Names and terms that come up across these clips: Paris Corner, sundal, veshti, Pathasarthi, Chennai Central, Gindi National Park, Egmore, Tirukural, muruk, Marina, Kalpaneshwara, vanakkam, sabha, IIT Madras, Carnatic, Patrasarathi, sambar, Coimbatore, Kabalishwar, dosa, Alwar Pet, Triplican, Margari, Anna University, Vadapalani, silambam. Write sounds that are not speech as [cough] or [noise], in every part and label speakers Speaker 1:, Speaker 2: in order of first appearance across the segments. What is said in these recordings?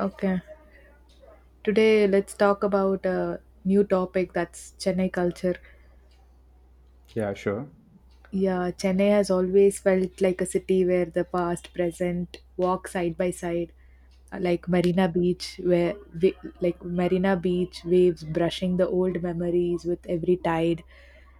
Speaker 1: Okay. Today, let's talk about a new topic that's Chennai culture.
Speaker 2: Yeah, sure.
Speaker 1: Yeah, Chennai has always felt like a city where the past, present walk side by side, like Marina Beach, where like Marina Beach waves brushing the old memories with every tide.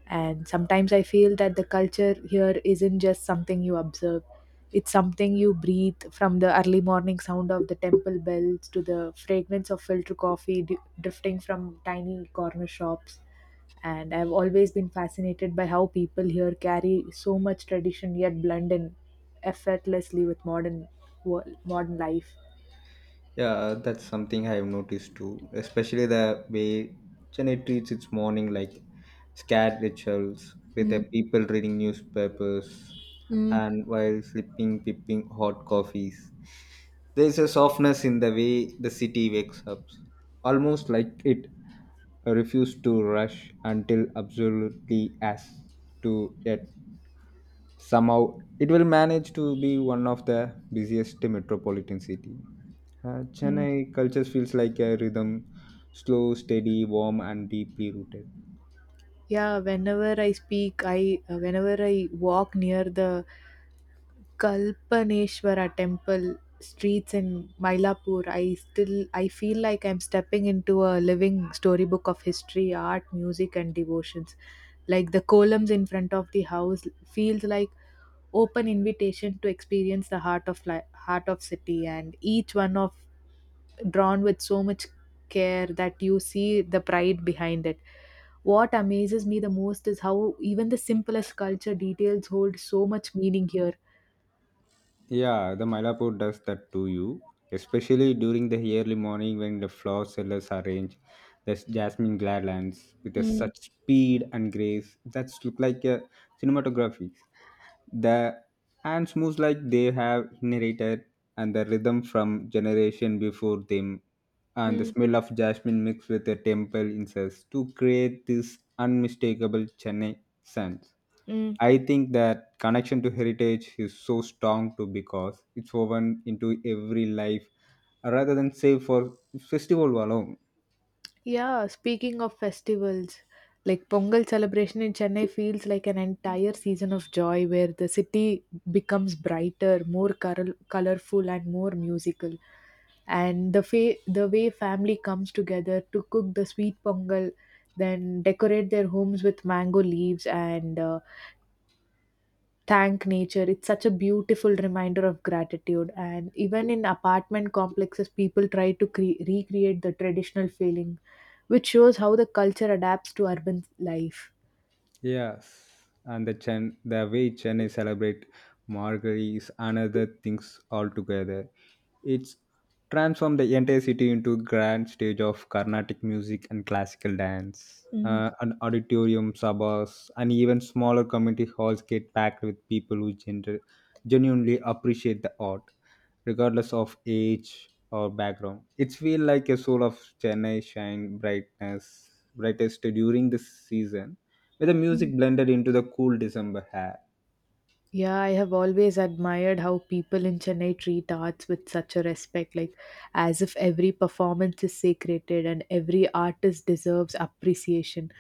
Speaker 1: And sometimes I feel that the culture here isn't just something you observe; it's something you breathe from the early morning sound of the temple bells to the fragrance of filter coffee drifting from tiny corner shops, and I've always been fascinated by how people here carry so much tradition yet blend in effortlessly with modern world, modern life.
Speaker 2: Yeah, that's something I've noticed too, especially the way Chennai treats its morning like scared rituals with the
Speaker 1: Mm,
Speaker 2: people reading newspapers
Speaker 1: mm,
Speaker 2: and while sipping pipping hot coffees. There's a softness in the way the city wakes up, almost like it refused to rush until absolutely has to it. Somehow, it will manage to be one of the busiest metropolitan city.
Speaker 1: mm.
Speaker 2: Chennai culture feels like a rhythm, slow, steady, warm, and deeply rooted.
Speaker 1: Yeah, whenever I speak, I whenever I walk near the Kalpaneshwara temple streets in Mylapore, I feel like I'm stepping into a living storybook of history, art, music, and devotions. Like the columns in front of the house feels like open invitation to experience the heart of city, and each one of drawn with so much care that you see the pride behind it. What amazes me the most is how even the simplest culture details hold so much meaning here.
Speaker 2: Yeah, the Mylapore does that to you, especially during the early morning when the flower sellers arrange the jasmine garlands with a
Speaker 1: Mm,
Speaker 2: such speed and grace that look like a cinematography. The ants moves like they have inherited and the rhythm from generation before them, and the
Speaker 1: mm,
Speaker 2: smell of jasmine mixed with the temple incense to create this unmistakable Chennai scent.
Speaker 1: mm.
Speaker 2: I think that connection to heritage is so strong too, because it's woven into every life rather than save for festival alone.
Speaker 1: Yeah, speaking of festivals, like Pongal celebration in Chennai feels like an entire season of joy where the city becomes brighter, colorful, and more musical. And the way family comes together to cook the sweet Pongal, then decorate their homes with mango leaves and thank nature, it's such a beautiful reminder of gratitude, and even in apartment complexes people try to recreate the traditional feeling, which shows how the culture adapts to urban life.
Speaker 2: Yes, and the way Chennai celebrate Margari is another things altogether. It's transformed the entire city into grand stage of Carnatic music and classical dance. An auditorium, sabas, and even smaller community halls get packed with people who genuinely appreciate the art, regardless of age or background. It's feel like a soul of Chennai shine brightest during the season, with the music blended into the cool December air.
Speaker 1: Yeah, I have always admired how people in Chennai treat arts with such a respect, like as if every performance is sacred and every artist deserves appreciation.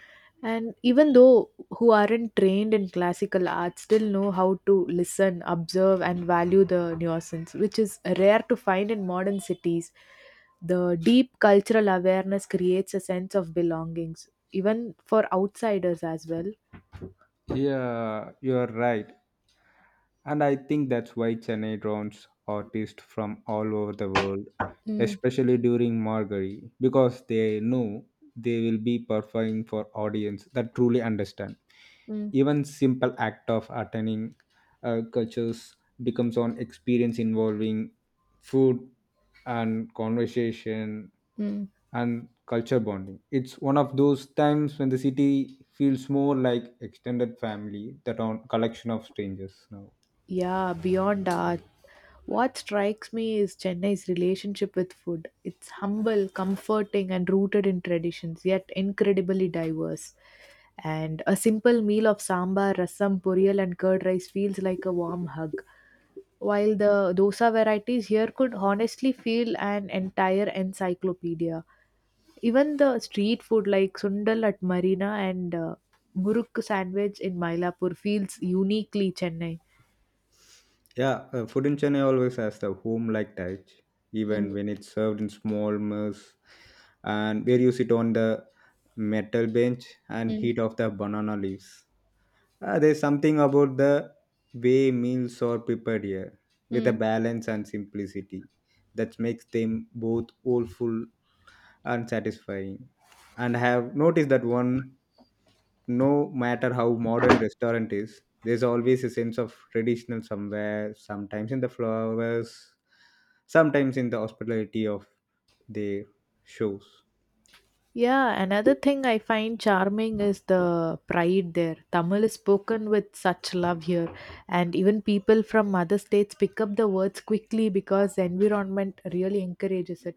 Speaker 1: And even though who aren't trained in classical art still know how to listen, observe, and value the nuisance, which is rare to find in modern cities. The deep cultural awareness creates a sense of belongings, even for outsiders as well.
Speaker 2: Yeah, you are right. And I think that's why Chennai draws artists from all over the world,
Speaker 1: Mm,
Speaker 2: especially during Margari, because they know they will be performing for audience that truly understand.
Speaker 1: mm,
Speaker 2: Even simple act of attending cultures becomes an experience involving food and conversation
Speaker 1: mm.
Speaker 2: and culture bonding. It's one of those times when the city feels more like extended family than a collection of strangers now.
Speaker 1: Yeah, beyond art, what strikes me is Chennai's relationship with food. It's humble, comforting, and rooted in traditions, yet incredibly diverse. And a simple meal of sambar, rasam, puriyal, and curd rice feels like a warm hug. While the dosa varieties here could honestly feel an entire encyclopedia. Even the street food like sundal at Marina and muruk sandwich in Mylapore feels uniquely Chennai.
Speaker 2: Yeah, food in Chennai always has the home-like touch, even
Speaker 1: Mm.
Speaker 2: when it's served in small meals, and where you sit on the metal bench and
Speaker 1: Mm,
Speaker 2: heat of the banana leaves. There's something about the way meals are prepared here, with a
Speaker 1: mm.
Speaker 2: balance and simplicity, that makes them both soulful and satisfying. And I have noticed that one, no matter how modern restaurant is, there's always a sense of traditional somewhere, sometimes in the flowers, sometimes in the hospitality of the shows.
Speaker 1: Yeah, another thing I find charming is the pride there. Tamil is spoken with such love here, and even people from other states pick up the words quickly because the environment really encourages it.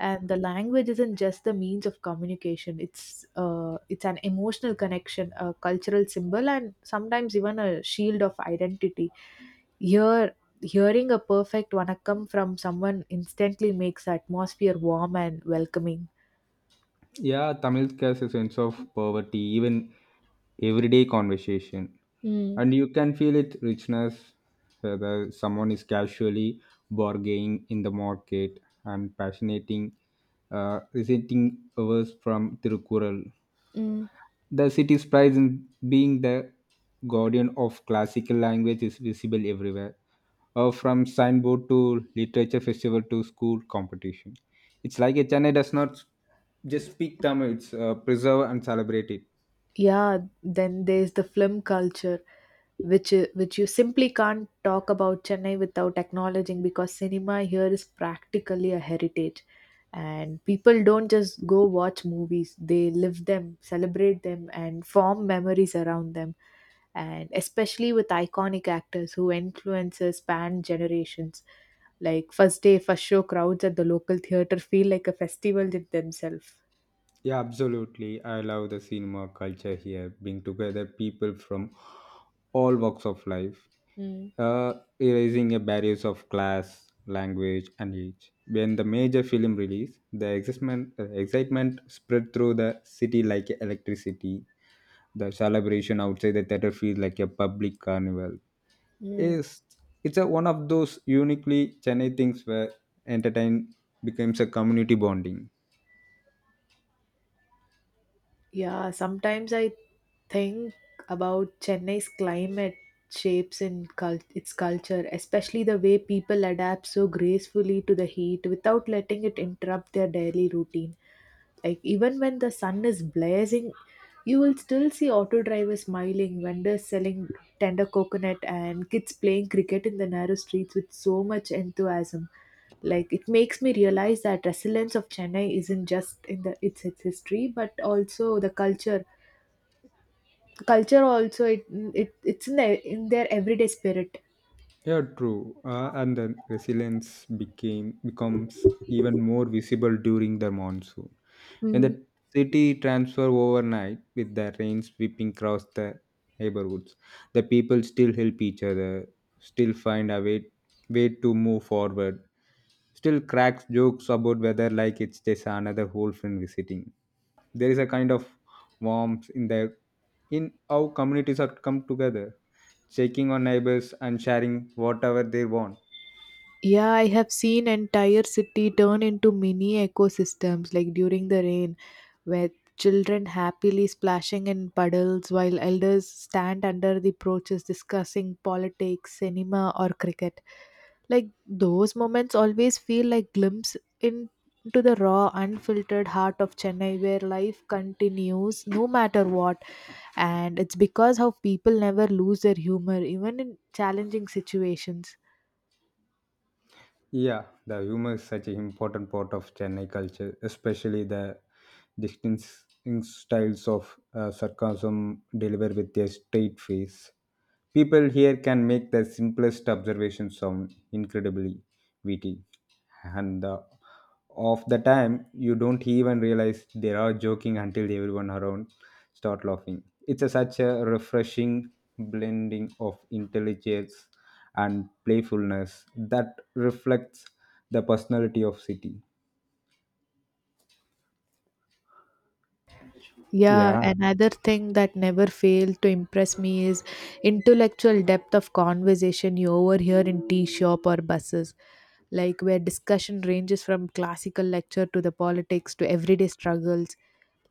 Speaker 1: And the language isn't just the means of communication; it's an emotional connection, a cultural symbol, and sometimes even a shield of identity. Here, hearing a perfect vanakkam from someone instantly makes the atmosphere warm and welcoming.
Speaker 2: Yeah, Tamil has a sense of poverty, even everyday conversation.
Speaker 1: Mm,
Speaker 2: And you can feel it richness, whether someone is casually bargaining in the market and passionating, resenting verse from Tirukural.
Speaker 1: mm.
Speaker 2: The city's pride in being the guardian of classical language is visible everywhere, from signboard to literature festival to school competition. It's like a Chennai does not just speak Tamil; it's preserve and celebrate it.
Speaker 1: Yeah, then there's the film culture, which you simply can't talk about Chennai without acknowledging, because cinema here is practically a heritage, and people don't just go watch movies, they live them, celebrate them, and form memories around them, and especially with iconic actors who influences span generations. Like first day first show crowds at the local theater feel like a festival in themselves.
Speaker 2: Yeah, absolutely. I love the cinema culture here, bring together people from all walks of life,
Speaker 1: Mm,
Speaker 2: uh, erasing the barriers of class, language, and age. When the major film release, the excitement spread through the city like electricity. The celebration outside the theater feels like a public carnival.
Speaker 1: mm.
Speaker 2: It's, it's one of those uniquely Chennai things where entertain becomes a community bonding.
Speaker 1: Yeah, sometimes I think about Chennai's climate shapes its culture, especially the way people adapt so gracefully to the heat without letting it interrupt their daily routine. Like even when the sun is blazing, you will still see auto drivers smiling, vendors selling tender coconut, and kids playing cricket in the narrow streets with so much enthusiasm. Like it makes me realize that resilience of Chennai isn't just in its history, but also the culture. Culture also it's in in their everyday spirit.
Speaker 2: Yeah, true. And then resilience became becomes even more visible during the monsoon. When the city transfer overnight with the rain sweeping across the neighborhoods, the people still help each other, still find a way to move forward, still cracks jokes about weather like it's just another whole friend visiting. There is a kind of warmth in how communities are come together, checking on neighbors, and sharing whatever they want.
Speaker 1: Yeah, I have seen entire city turn into mini ecosystems like during the rain where children happily splashing in puddles while elders stand under the porches discussing politics, cinema or cricket. Like those moments always feel like into the raw unfiltered heart of Chennai where life continues no matter what, and it's because how people never lose their humor even in challenging situations.
Speaker 2: Yeah, the humor is such an important part of Chennai culture, especially the distinctive styles of sarcasm delivered with their straight face. People here can make the simplest observation sound incredibly witty, and of the time you don't even realize they are joking until everyone around start laughing. It's such a refreshing blending of intelligence and playfulness that reflects the personality of city.
Speaker 1: Yeah,
Speaker 2: Yeah.
Speaker 1: another thing that never fails to impress me is intellectual depth of conversation you overhear in tea shop or buses, like where discussion ranges from classical lecture to the politics to everyday struggles.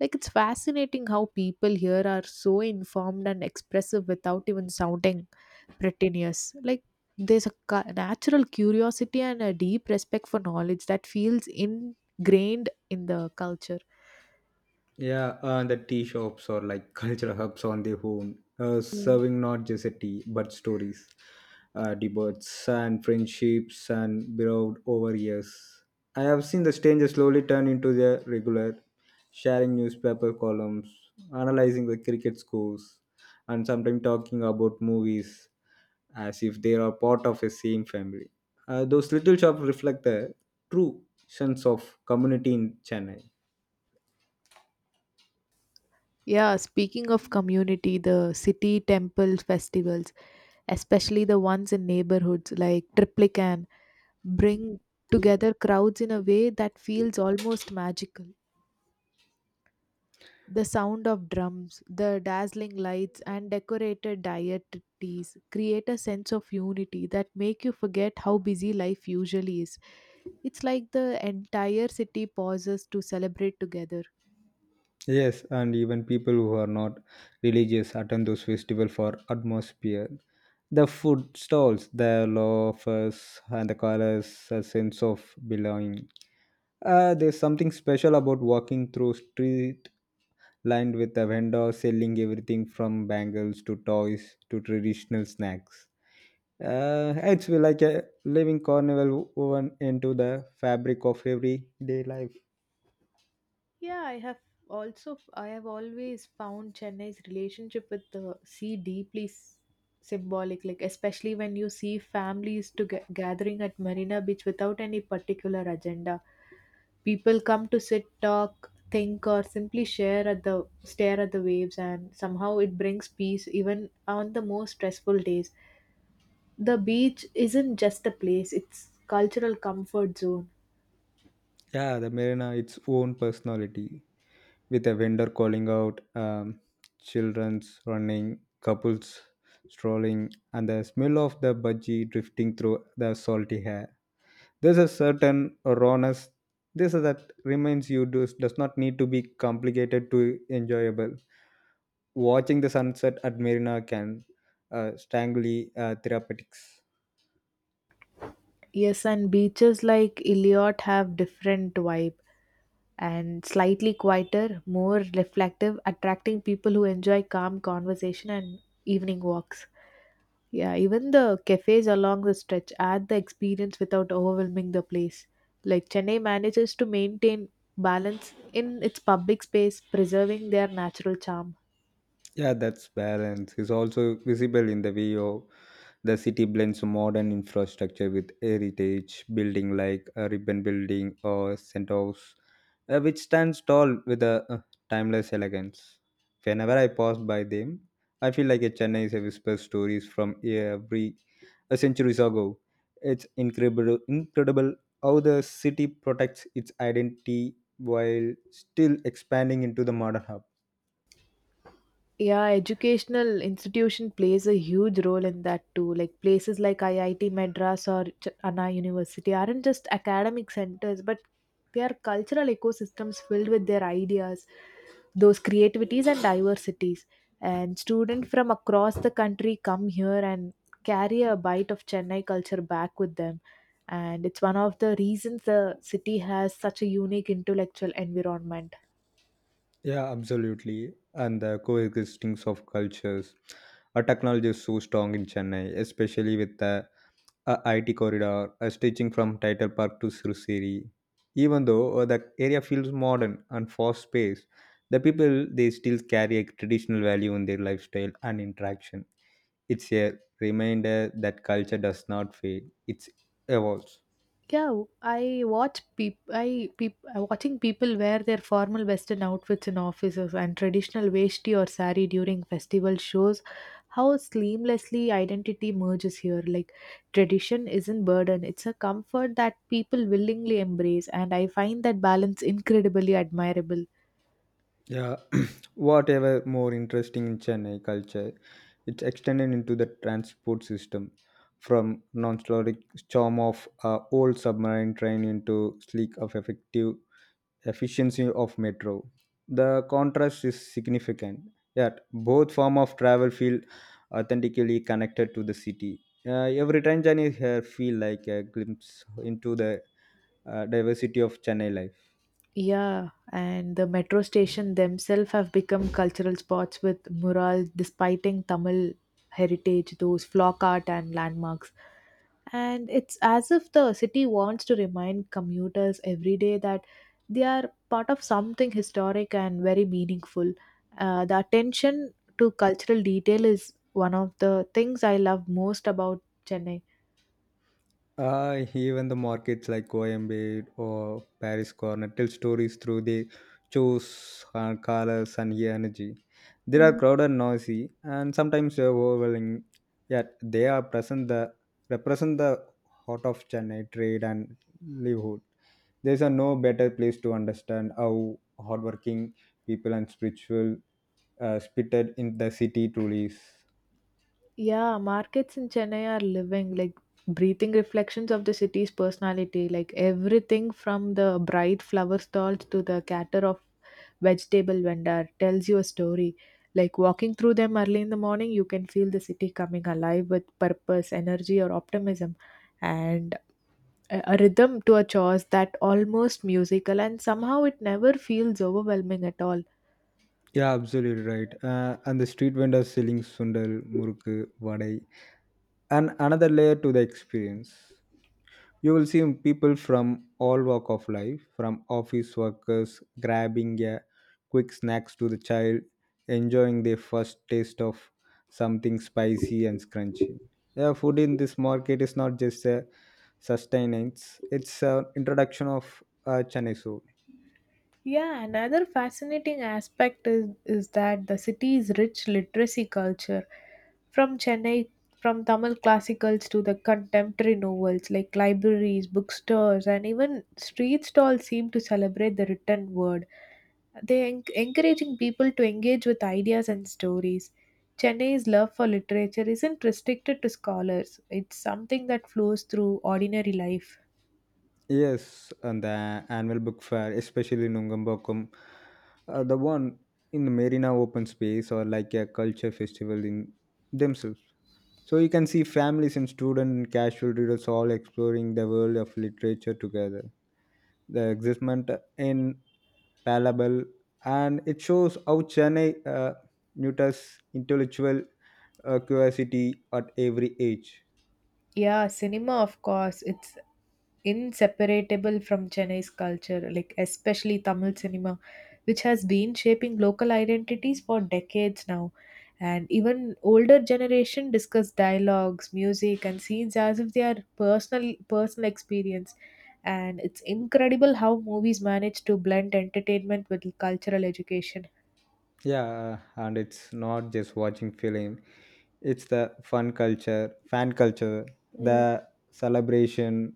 Speaker 1: Like it's fascinating how people here are so informed and expressive without even sounding pretentious. Like there's a natural curiosity and a deep respect for knowledge that feels ingrained in the culture.
Speaker 2: Yeah, the tea shops are like [laughs] cultural hubs on their own, serving not just a tea but stories, debates, and friendships, and beloved over years. I have seen the strangers slowly turn into their regular, sharing newspaper columns, analyzing the cricket scores, and sometimes talking about movies as if they are part of a same family. Those little shops reflect the true sense of community in Chennai.
Speaker 1: Yeah, speaking of community, the city temple festivals, especially the ones in neighborhoods like Triplican, bring together crowds in a way that feels almost magical. The sound of drums, the dazzling lights, and decorated deities create a sense of unity that make you forget how busy life usually is. It's like the entire city pauses to celebrate together.
Speaker 2: Yes, and even people who are not religious attend those festivals for atmosphere. The food stalls, the loafers, and the colors, a sense of belonging. There's something special about walking through street lined with a vendor selling everything from bangles to toys to traditional snacks. It's like a living carnival woven into the fabric of everyday life.
Speaker 1: Yeah, I have always found Chennai's relationship with the sea deeply symbolic, like especially when you see families to gathering at Marina Beach without any particular agenda. People come to sit, talk, think, or simply share at the stare at the waves, and somehow it brings peace even on the most stressful days. The beach isn't just a place; it's cultural comfort zone.
Speaker 2: Yeah, the marina its own personality, with a vendor calling out, children's running, couples strolling, and the smell of the budgie drifting through the salty hair. There's a certain rawness this is that reminds you does not need to be complicated to enjoyable. Watching the sunset at marina can strangely therapeutics.
Speaker 1: Yes, and beaches like Iliot have different vibe and slightly quieter, more reflective, attracting people who enjoy calm conversation and evening walks. Yeah, even the cafes along the stretch add the experience without overwhelming the place. Like Chennai manages to maintain balance in its public space, preserving their natural charm.
Speaker 2: Yeah, that's balance. Is also visible in the video. The city blends modern infrastructure with heritage building like a ribbon building or Centos, which stands tall with a timeless elegance. Whenever I pass by them, I feel like a Chennai is a whisper stories from every a centuries ago. It's incredible how the city protects its identity while still expanding into the modern hub.
Speaker 1: Yeah, educational institution plays a huge role in that too. Like places like IIT Madras or Anna University aren't just academic centers, but they are cultural ecosystems filled with their ideas, those creativities and diversities. And students from across the country come here and carry a bite of Chennai culture back with them. And it's one of the reasons the city has such a unique intellectual environment.
Speaker 2: Yeah, absolutely. And the coexisting of cultures. Our technology is so strong in Chennai, especially with the IT corridor stretching from Title Park to Sri. Even though the area feels modern and fast paced, the people they still carry a traditional value in their lifestyle and interaction. It's a reminder that culture does not fade; it evolves.
Speaker 1: Yeah, I watch people. I peop, watching people wear their formal western outfits in offices and traditional veshti or sari during festival shows how seamlessly identity merges here. Like tradition isn't burden; it's a comfort that people willingly embrace, and I find that balance incredibly admirable.
Speaker 2: Yeah, [clears throat] whatever more interesting in Chennai culture, it's extended into the transport system from non-caloric charm of old submarine train into sleek of effective efficiency of metro. The contrast is significant. Yet both form of travel feel authentically connected to the city. Every train journey here feel like a glimpse into the diversity of Chennai life.
Speaker 1: Yeah, and the metro station themselves have become cultural spots with murals despiting Tamil heritage, those flock art and landmarks. And it's as if the city wants to remind commuters every day that they are part of something historic and very meaningful. The attention to cultural detail is one of the things I love most about Chennai.
Speaker 2: Even the markets like Coimbatore or Paris Corner tell stories through their shows, colors, and energy. They are crowded, noisy, and sometimes overwhelming. Yet they are present the represent the heart of Chennai trade and livelihood. There is a no better place to understand how hardworking people and spiritual spirited in the city truly is.
Speaker 1: Yeah, markets in Chennai are living, like breathing reflections of the city's personality. Like everything from the bright flower stalls to the cater of vegetable vendor tells you a story. Like walking through them early in the morning, you can feel the city coming alive with purpose, energy, or optimism, and a rhythm to a chores that almost musical, and somehow it never feels overwhelming at all.
Speaker 2: Yeah, absolutely right. And the street vendors selling sundal, murukku, vadai, and another layer to the experience. You will see people from all walk of life, from office workers grabbing a quick snacks to the child enjoying their first taste of something spicy and crunchy. Yeah, food in this market is not just a sustenance; it's an introduction of Chennai soul.
Speaker 1: Yeah, another fascinating aspect is that the city's rich literacy culture. From Chennai, from Tamil classicals to the contemporary novels like libraries, bookstores, and even street stalls seem to celebrate the written word. They encouraging people to engage with ideas and stories. Chennai's love for literature isn't restricted to scholars. It's something that flows through ordinary life.
Speaker 2: Yes, and the annual book fair, especially in Nungambokum, the one in the marina open space or like a culture festival in themselves. So you can see families and students and casual readers all exploring the world of literature together. The excitement in palpable, and it shows how Chennai nurtures intellectual curiosity at every age.
Speaker 1: Yeah, cinema, of course. It's inseparable from Chennai's culture, like especially Tamil cinema, which has been shaping local identities for decades now. And even older generation discuss dialogues, music, and scenes as if they are personal experience. And it's incredible how movies manage to blend entertainment with cultural education.
Speaker 2: Yeah, and it's not just watching film. It's the fan culture,
Speaker 1: Mm,
Speaker 2: the celebration,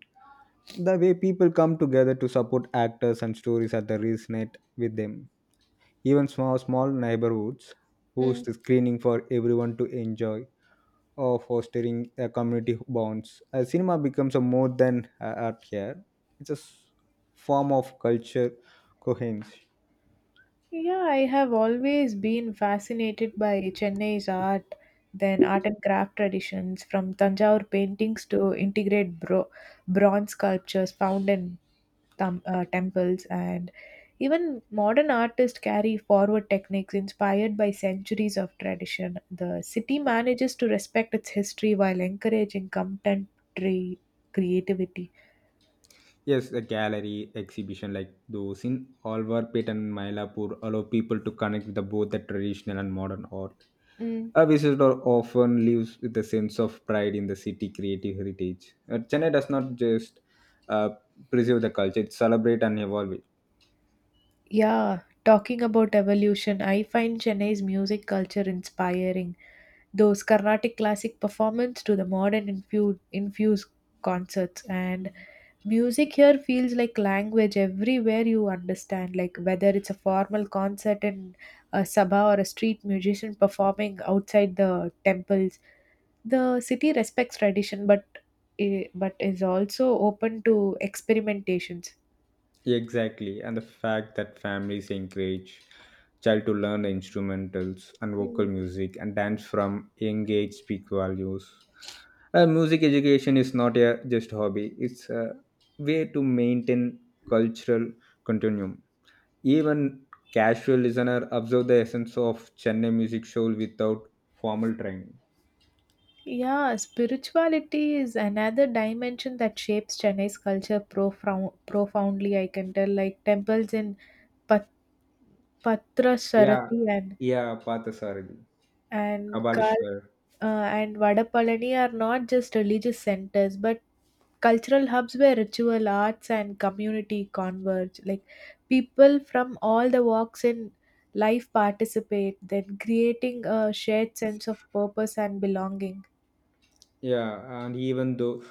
Speaker 2: the way people come together to support actors and stories that resonate with them. Even small neighborhoods
Speaker 1: mm.
Speaker 2: host screening for everyone to enjoy or fostering a community bonds. A cinema becomes a more than a art here. It's a form of culture coherence.
Speaker 1: Yeah, I have always been fascinated by Chennai's art, then art and craft traditions, from Tanjavur paintings to integrate bronze sculptures found in temples, and even modern artists carry forward techniques inspired by centuries of tradition. The city manages to respect its history while encouraging contemporary creativity.
Speaker 2: Yes, a gallery exhibition like those in Alwar, Pet and Mylapore allow people to connect with both the traditional and modern art.
Speaker 1: Mm.
Speaker 2: A visitor often lives with a sense of pride in the city creative heritage. Chennai does not just uh, preserve the culture; it celebrates and evolve it.
Speaker 1: Yeah, talking about evolution, I find Chennai's music culture inspiring. Those Carnatic classic performance to the modern infused concerts and music here feels like language everywhere you understand, like whether it's a formal concert in a sabha or a street musician performing outside the temples, the city respects tradition but but is also open to experimentations.
Speaker 2: Exactly, and the fact that families encourage child to learn instrumentals and vocal music and dance from young age speak values. Music education is not a just hobby; it's a way to maintain cultural continuum. Even casual listener observe the essence of Chennai music soul without formal training.
Speaker 1: Yeah, spirituality is another dimension that shapes Chennai's culture profoundly. I can tell, like temples in Pat-
Speaker 2: Yeah,
Speaker 1: Patrasarathi
Speaker 2: yeah, Pathasarthi,
Speaker 1: and Kal
Speaker 2: Kabalishwar.
Speaker 1: and Vadapalani are not just religious centers, but cultural hubs where ritual, arts, and community converge. Like people from all the walks in life participate, then creating a shared sense of purpose and belonging.
Speaker 2: Yeah, and even though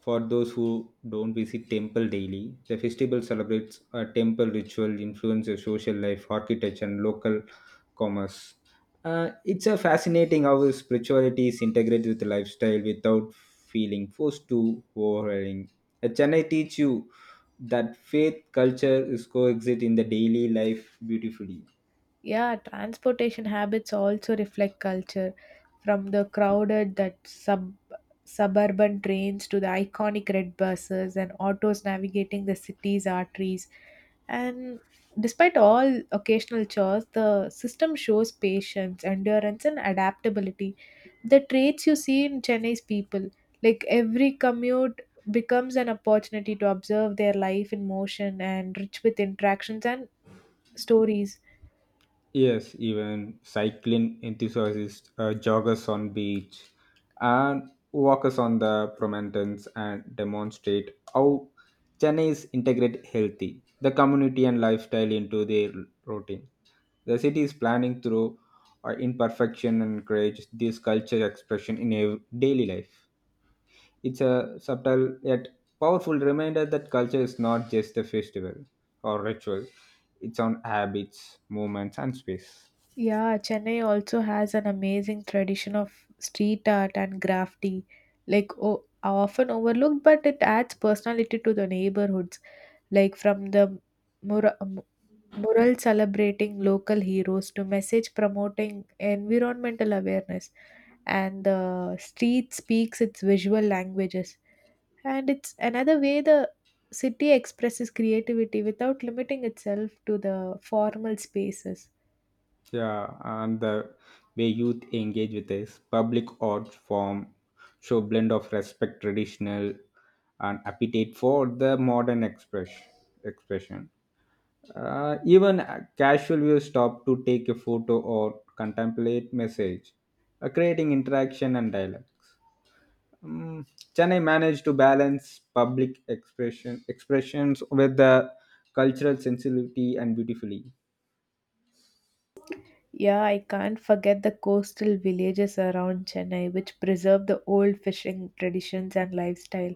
Speaker 2: for those who don't visit temple daily, the festival celebrates a temple ritual, influences social life, architecture, and local commerce. It's a fascinating how spirituality is integrated with lifestyle without feeling forced to overhauling. At Chennai teach you that faith culture is coexist in the daily life beautifully.
Speaker 1: Yeah, transportation habits also reflect culture, from the crowded that sub suburban trains to the iconic red buses and autos navigating the city's arteries. And despite all occasional chores, the system shows patience, endurance, and adaptability. The traits you see in Chennai's people, like every commute becomes an opportunity to observe their life in motion and rich with interactions and stories.
Speaker 2: Yes, even cycling enthusiasts, joggers on beach, and walkers on the promenades and demonstrate how Chennai's integrate healthy, the community and lifestyle into their routine. The city is planning through our imperfection and encourage this culture expression in a daily life. It's a subtle yet powerful reminder that culture is not just a festival or ritual; it's on habits, movements, and space.
Speaker 1: Yeah, Chennai also has an amazing tradition of street art and graffiti, like o often overlooked, but it adds personality to the neighborhoods. Like from the mur- mu- mural celebrating local heroes to message promoting environmental awareness, and the street speaks its visual languages. And it's another way the city expresses creativity without limiting itself to the formal spaces.
Speaker 2: Yeah, and the way youth engage with this public art form show blend of respect, traditional, and appetite for the modern expression. Even a casual viewers stop to take a photo or contemplate message, creating interaction and dialogue. Um, Chennai managed to balance public expressions with the cultural sensitivity and beautifully.
Speaker 1: Yeah, I can't forget the coastal villages around Chennai, which preserve the old fishing traditions and lifestyle.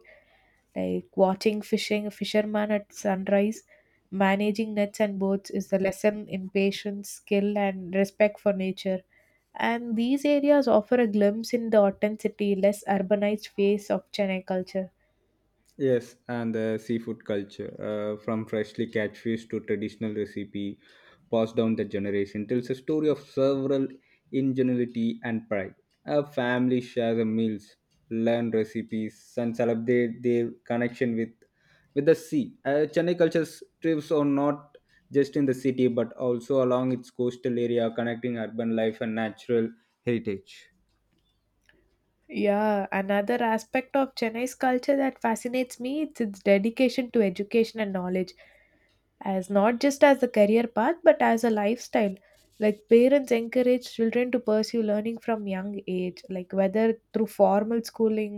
Speaker 1: Like watching fishing fishermen at sunrise, managing nets and boats is a lesson in patience, skill, and respect for nature. And these areas offer a glimpse in the authenticity, less urbanized face of Chennai culture.
Speaker 2: Yes, and the seafood culture, from freshly catch fish to traditional recipe passed down the generation, tells a story of several ingenuity and pride. A family shares a meals, learn recipes, and celebrate their connection with the sea. Chennai culture trips are not just in the city, but also along its coastal area, connecting urban life and natural heritage.
Speaker 1: Yeah, another aspect of Chennai's culture that fascinates me is its dedication to education and knowledge. As not just as a career path but as a lifestyle, like parents encourage children to pursue learning from young age, like whether through formal schooling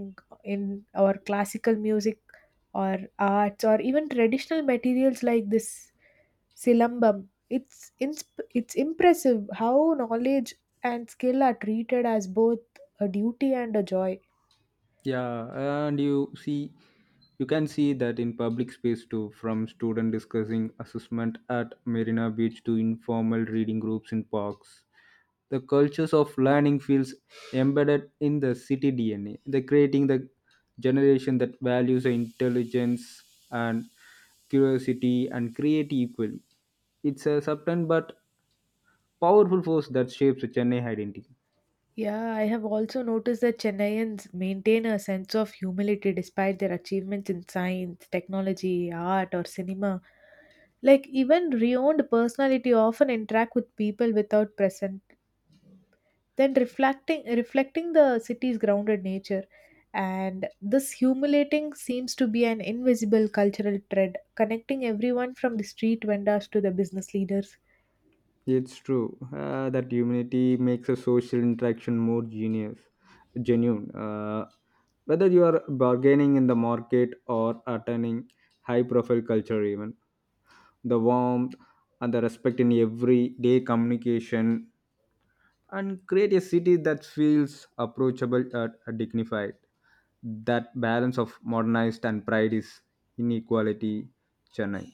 Speaker 1: in or classical music or arts or even traditional materials like this silambam, it's impressive how knowledge and skill are treated as both a duty and a joy.
Speaker 2: Yeah, and you can see that in public space too, from student discussing assessment at Marina Beach to informal reading groups in parks. The cultures of learning feels embedded in the city DNA. They're creating the generation that values the intelligence and curiosity and create equally. It's a subtle but powerful force that shapes the Chennai identity.
Speaker 1: Yeah, I have also noticed that Chennaians maintain a sense of humility despite their achievements in science, technology, art, or cinema. Like even renowned personality often interact with people without present, then reflecting the city's grounded nature. And this humiliating seems to be an invisible cultural thread connecting everyone from the street vendors to the business leaders.
Speaker 2: It's true that humanity makes a social interaction more genuine. Whether you are bargaining in the market or attending high-profile culture even the warmth and the respect in everyday communication and create a city that feels approachable and dignified. That balance of modernized and pride is inequality, Chennai.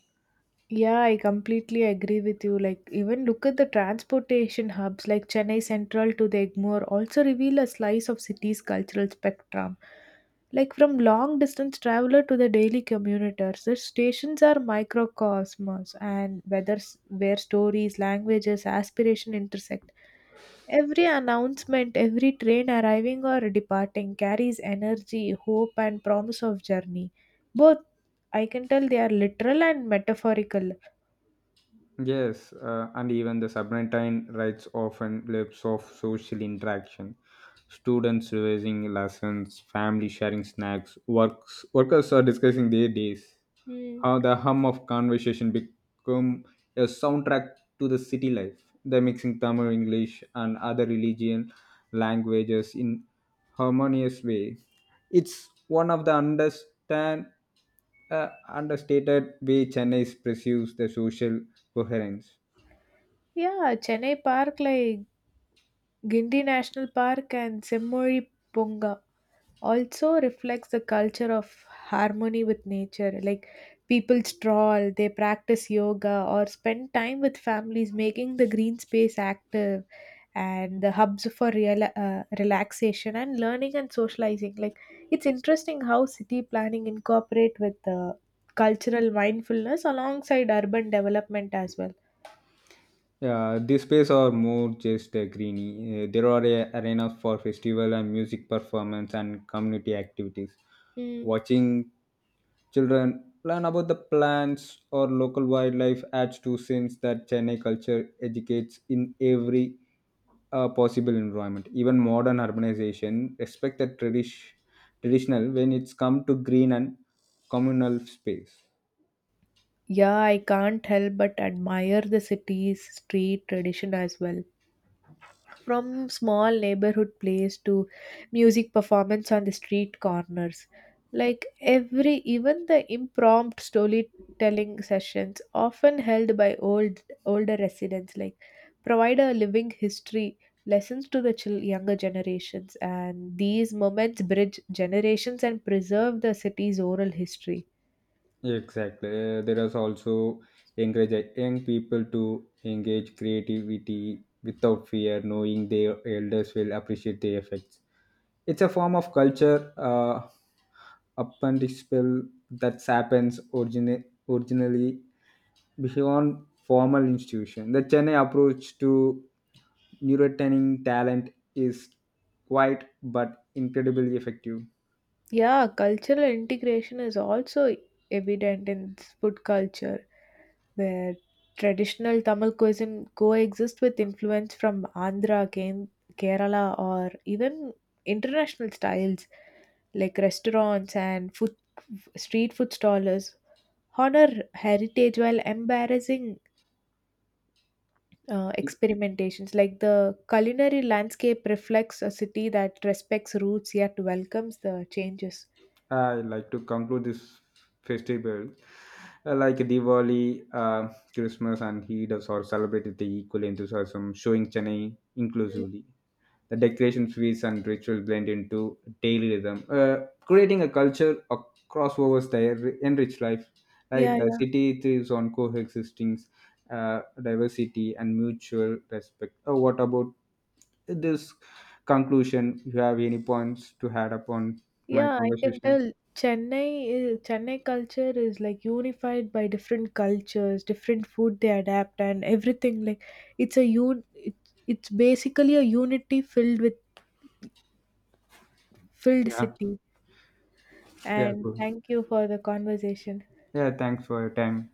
Speaker 1: Yeah, I completely agree with you. Like, even look at the transportation hubs like Chennai Central to the Egmore also reveal a slice of city's cultural spectrum. Like, from long distance traveler to the daily commuters, the stations are microcosmos and where stories, languages, aspiration intersect. Every announcement, every train arriving or departing carries energy, hope, and promise of journey. Both, I can tell, they are literal and metaphorical.
Speaker 2: Yes, and even the submarine rights often lives of social interaction. Students revising lessons, family sharing snacks, works workers are discussing their days
Speaker 1: Mm.
Speaker 2: how the hum of conversation become a soundtrack to the city life. The mixing Tamil, English, and other religion languages in harmonious way. It's one of the understand understated way Chennai perceives the social coherence.
Speaker 1: Yeah, Chennai Park, like Gindi National Park and Semmuri Ponga also reflects the culture of harmony with nature. Like people stroll, they practice yoga, or spend time with families, making the green space active and the hubs for real, relaxation and learning and socializing. Like it's interesting how city planning incorporate with the cultural mindfulness alongside urban development as well.
Speaker 2: Yeah, these spaces are more just greeny. There are arenas for festival and music performance and community activities. Watching children learn about the plants or local wildlife adds to sense that Chennai culture educates in every possible environment. Even modern urbanization respect the traditional when it's come to green and communal space.
Speaker 1: Yeah, I can't help but admire the city's street tradition as well. From small neighborhood plays to music performance on the street corners. Like every, even the impromptu storytelling sessions often held by old older residents like provide a living history lessons to the younger generations, and these moments bridge generations and preserve the city's oral history.
Speaker 2: Exactly. There is also encourage young people to engage creativity without fear, knowing their elders will appreciate the effects. It's a form of culture apprenticeship that happens originally beyond formal institution. The Chennai approach to nurturing talent is quite but incredibly effective.
Speaker 1: Yeah, cultural integration is also evident in food culture, where traditional Tamil cuisine coexists with influence from Andhra, Kerala, or even international styles, like restaurants and food, street food stalls honor heritage while embarrassing experimentations. Like the culinary landscape reflects a city that respects roots yet welcomes the changes.
Speaker 2: I like to conclude this festival like Diwali, Christmas, and Eid are celebrated with equal enthusiasm, showing Chennai
Speaker 1: Mm.
Speaker 2: inclusively. The decorations, feasts, and rituals blend into daily rhythm, creating a culture of crossovers that enrich life. Right,
Speaker 1: Yeah,
Speaker 2: the city thrives on coexisting diversity and mutual respect. What about this conclusion? You have any points to add upon my
Speaker 1: Yeah, I can
Speaker 2: conversation?
Speaker 1: tell Chennai is, Chennai culture is like unified by different cultures, different food they adapt and everything, like it's basically a unity filled with filled
Speaker 2: Yeah,
Speaker 1: city.
Speaker 2: yeah,
Speaker 1: And
Speaker 2: cool.
Speaker 1: thank you for the conversation.
Speaker 2: Yeah, thanks for your time.